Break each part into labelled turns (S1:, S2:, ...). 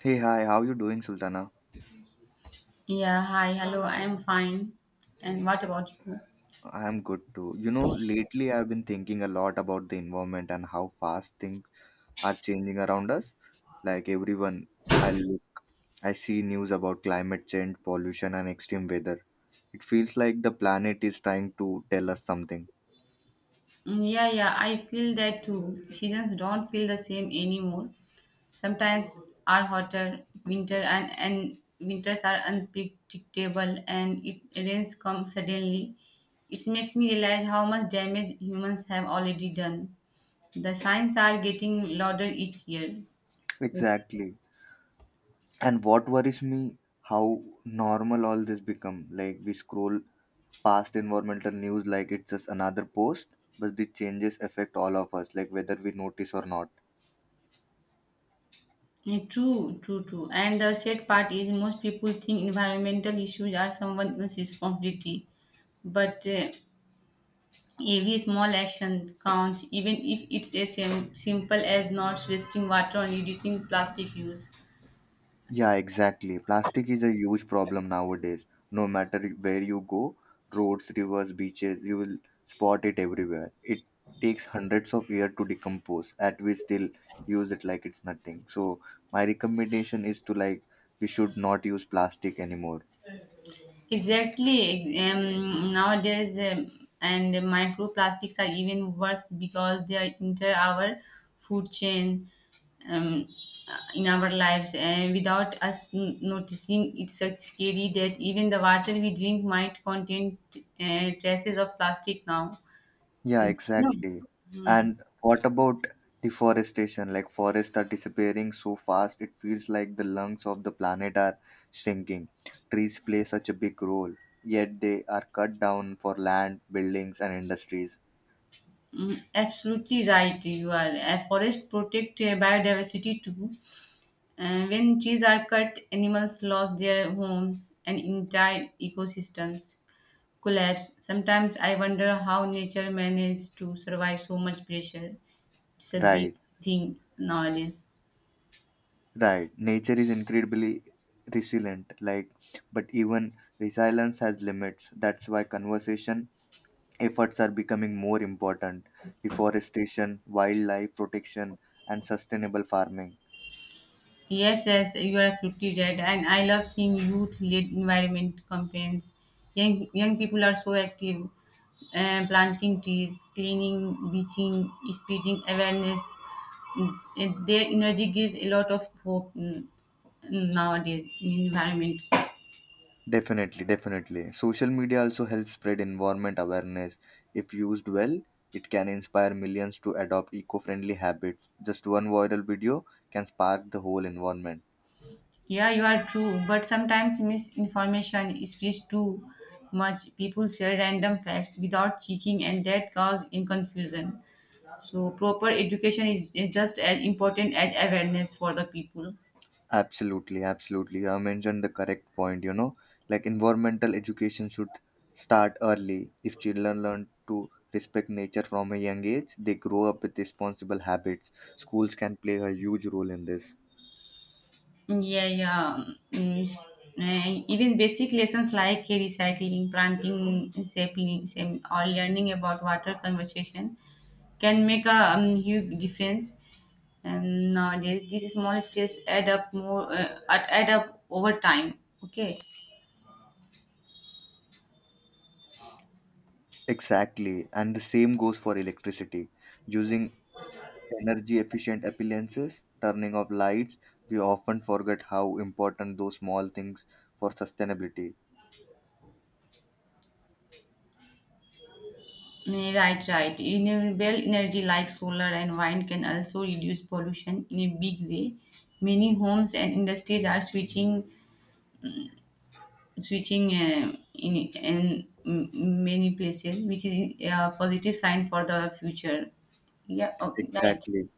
S1: Hey, hi, how you doing, Sultana?
S2: Yeah, hi, hello, I'm fine. And what about you?
S1: I'm good too. You know, lately I've been thinking a lot about the environment and how fast things are changing around us. Like everyone, I look, I see news about climate change, pollution, and extreme weather. It feels like the planet is trying to tell us something.
S2: Yeah, yeah, I feel that too. Seasons don't feel the same anymore. Sometimes are hotter, winter and winters are unpredictable and it rains come suddenly. It makes me realize how much damage humans have already done. The signs are getting louder each year.
S1: Exactly. And what worries me, how normal all this become. Like we scroll past environmental news like it's just another post, but the changes affect all of us, like whether we notice or not.
S2: Yeah, true, true, true. And the sad part is most people think environmental issues are someone else's responsibility, but every small action counts, even if it's as simple as not wasting water and reducing plastic use.
S1: Yeah, exactly. Plastic is a huge problem nowadays. No matter where you go, roads, rivers, beaches, you will spot it everywhere. It takes hundreds of years to decompose, and we still use it like it's nothing. So my recommendation is to, like, we should not use plastic anymore.
S2: Exactly. Nowadays, and microplastics are even worse because they are enter our food chain um, in our lives, and without us noticing, it's such scary that even the water we drink might contain traces of plastic now.
S1: Yeah,
S2: No.
S1: exactly. And what about deforestation? Like forests are disappearing so fast, it feels like the lungs of the planet are shrinking. Trees play such a big role, yet they are cut down for land, buildings, and industries.
S2: Absolutely right. You are. Forest protect biodiversity too. And when trees are cut, animals lost their homes and entire ecosystems collapse. Sometimes I wonder how nature managed to survive so much pressure. It's a big
S1: Right,
S2: thing nowadays.
S1: right. Nature is incredibly resilient, like, but even resilience has limits. That's why conservation efforts are becoming more important. Deforestation, wildlife protection, and sustainable farming.
S2: Yes, yes, you are absolutely right. And I love seeing youth-led environment campaigns. Young people are so active, planting trees, cleaning, beaching, spreading awareness. And their energy gives a lot of hope nowadays in environment.
S1: Definitely, definitely. Social media also helps spread environment awareness. If used well, it can inspire millions to adopt eco friendly habits. Just one viral video can spark the whole environment.
S2: Yeah, you are true. But sometimes misinformation spreads too much. People share random facts without checking, and that causes in confusion. So proper education is just as important as awareness for the people.
S1: Absolutely, absolutely. You have mentioned the correct point, you know. Like environmental education should start early. If children learn to respect nature from a young age, they grow up with responsible habits. Schools can play a huge role in this.
S2: Yeah, yeah. Mm, s- Even basic lessons like recycling, planting, sapling, same, or learning about water conservation can make a huge difference. And nowadays, these small steps add up add up over time. Okay.
S1: Exactly, and the same goes for electricity. Using energy efficient appliances, turning off lights, we often forget how important those small things for sustainability.
S2: Right, right. Renewable energy like solar and wind can also reduce pollution in a big way. Many homes and industries are switching in many places, which is a positive sign for the future. Right.
S1: Exactly.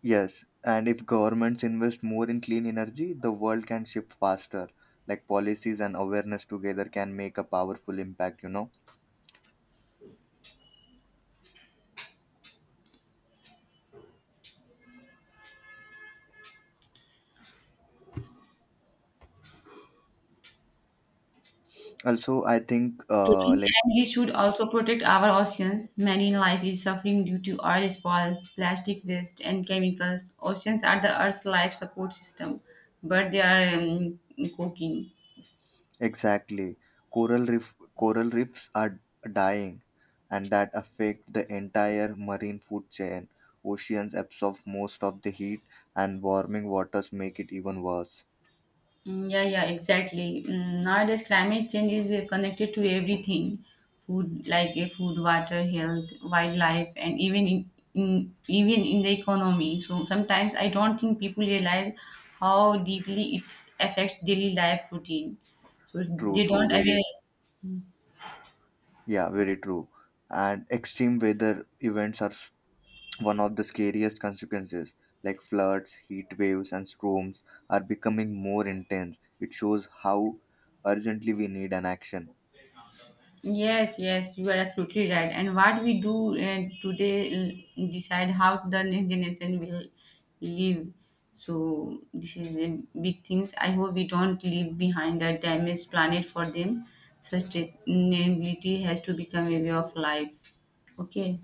S1: Yes, and if governments invest more in clean energy, the world can shift faster. Like policies and awareness together can make a powerful impact, you know. Also, I think
S2: Totally.
S1: like.
S2: And we should also protect our oceans. Marine life is suffering due to oil spills, plastic waste, and chemicals. Oceans are the Earth's life support system, but they are cooking.
S1: Exactly. Coral reef coral reefs are dying and that affect the entire marine food chain. Oceans absorb most of the heat and warming waters make it even worse.
S2: Yeah, yeah, exactly. Nowadays, climate change is connected to everything food, like food, water, health, wildlife, and even in the economy. So sometimes I don't think people realize how deeply it affects daily life routine. So
S1: True,
S2: they
S1: true,
S2: don't
S1: very,
S2: aware.
S1: yeah, very true. And extreme weather events are one of the scariest consequences. Like floods, heat waves and storms are becoming more intense. It shows how urgently we need an action.
S2: Yes, yes, you are absolutely right. And what we do today decide how the next generation will live. So this is a big things. I hope we don't leave behind a damaged planet for them. Sustainability has to become a way of life. Okay.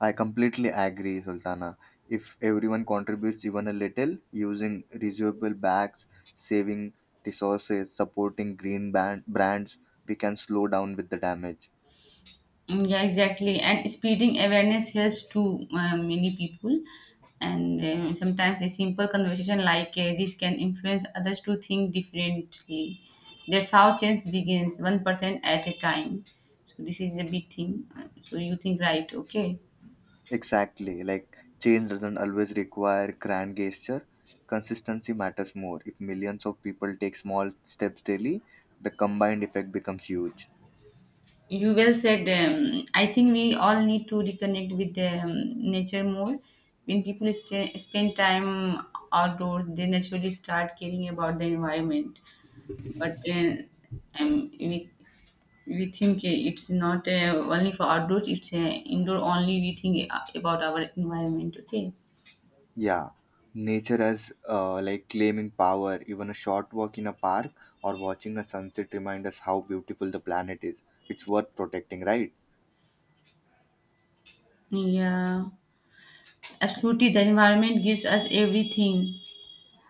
S1: I completely agree, Sultana. If everyone contributes even a little, using reusable bags, saving resources, supporting green brands, we can slow down with the damage.
S2: Yeah, exactly. And spreading awareness helps to many people. And sometimes a simple conversation like this can influence others to think differently. That's how change begins, 1% at a time. So, this is a big thing. So, you think right, okay?
S1: Exactly, like change doesn't always require grand gesture. Consistency matters more. If millions of people take small steps daily, the combined effect becomes huge.
S2: You well said. I think we all need to reconnect with nature more. When people stay, spend time outdoors, they naturally start caring about the environment, but um, we we think it's not only for outdoors, it's indoor only we think about our environment, okay?
S1: Yeah, nature as like claiming power, even a short walk in a park or watching a sunset remind us how beautiful the planet is. It's worth protecting, right?
S2: Yeah, absolutely, the environment gives us everything,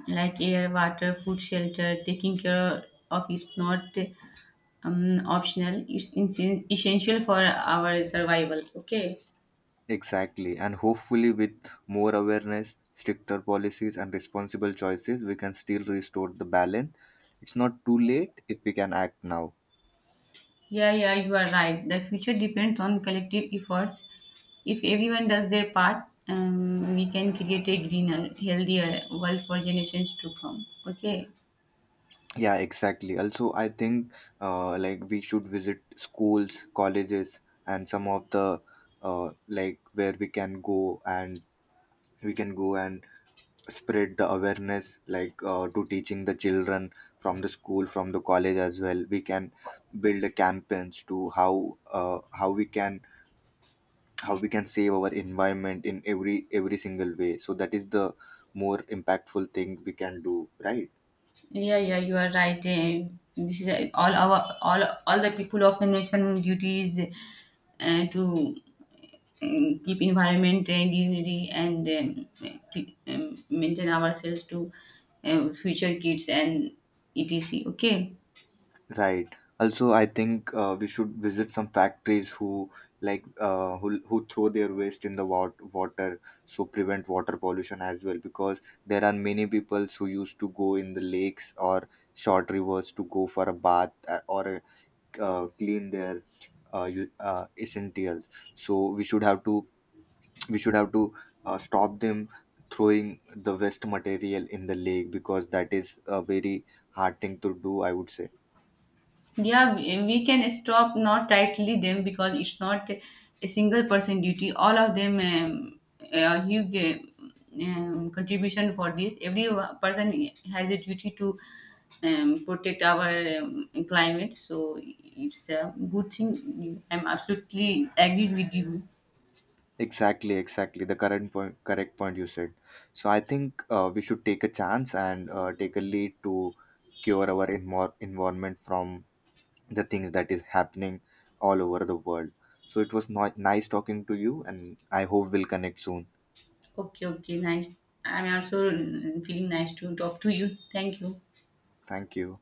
S2: like air, water, food, shelter. Taking care of it's not optional, it's essential for our survival, okay?
S1: Exactly, and hopefully, with more awareness, stricter policies, and responsible choices, we can still restore the balance. It's not too late if we can act now.
S2: Yeah, yeah, you are right. The future depends on collective efforts. If everyone does their part, we can create a greener, healthier world for generations to come. Okay.
S1: Yeah, exactly. Also, I think like we should visit schools, colleges, and some of the like where we can go and we can go and spread the awareness, like to teaching the children from the school, from the college as well. We can build a campaigns to how we can save our environment in every single way. So that is the more impactful thing we can do, right.
S2: Yeah, yeah, you are right. This is eh, all our all the people of the nation duties to keep environment and unity and keep, maintain ourselves to future kids and etc. Okay.
S1: Right. Also, I think we should visit some factories who like who throw their waste in the water, so prevent water pollution as well. Because there are many people who used to go in the lakes or short rivers to go for a bath or clean their essentials. So we should have to stop them throwing the waste material in the lake, because that is a very hard thing to do, I would say.
S2: Yeah, we can stop not tightly them because it's not a single person duty. All of them a huge contribution for this. Every person has a duty to protect our climate. So it's a good thing. I'm absolutely agreed with you.
S1: Exactly, exactly. The current point, correct point you said. So I think we should take a chance and take a lead to cure our environment from the things that is happening all over the world. So it was not nice talking to you, and I hope we'll connect soon.
S2: Okay, okay, nice. I'm also feeling nice to talk to you. Thank you.
S1: Thank you.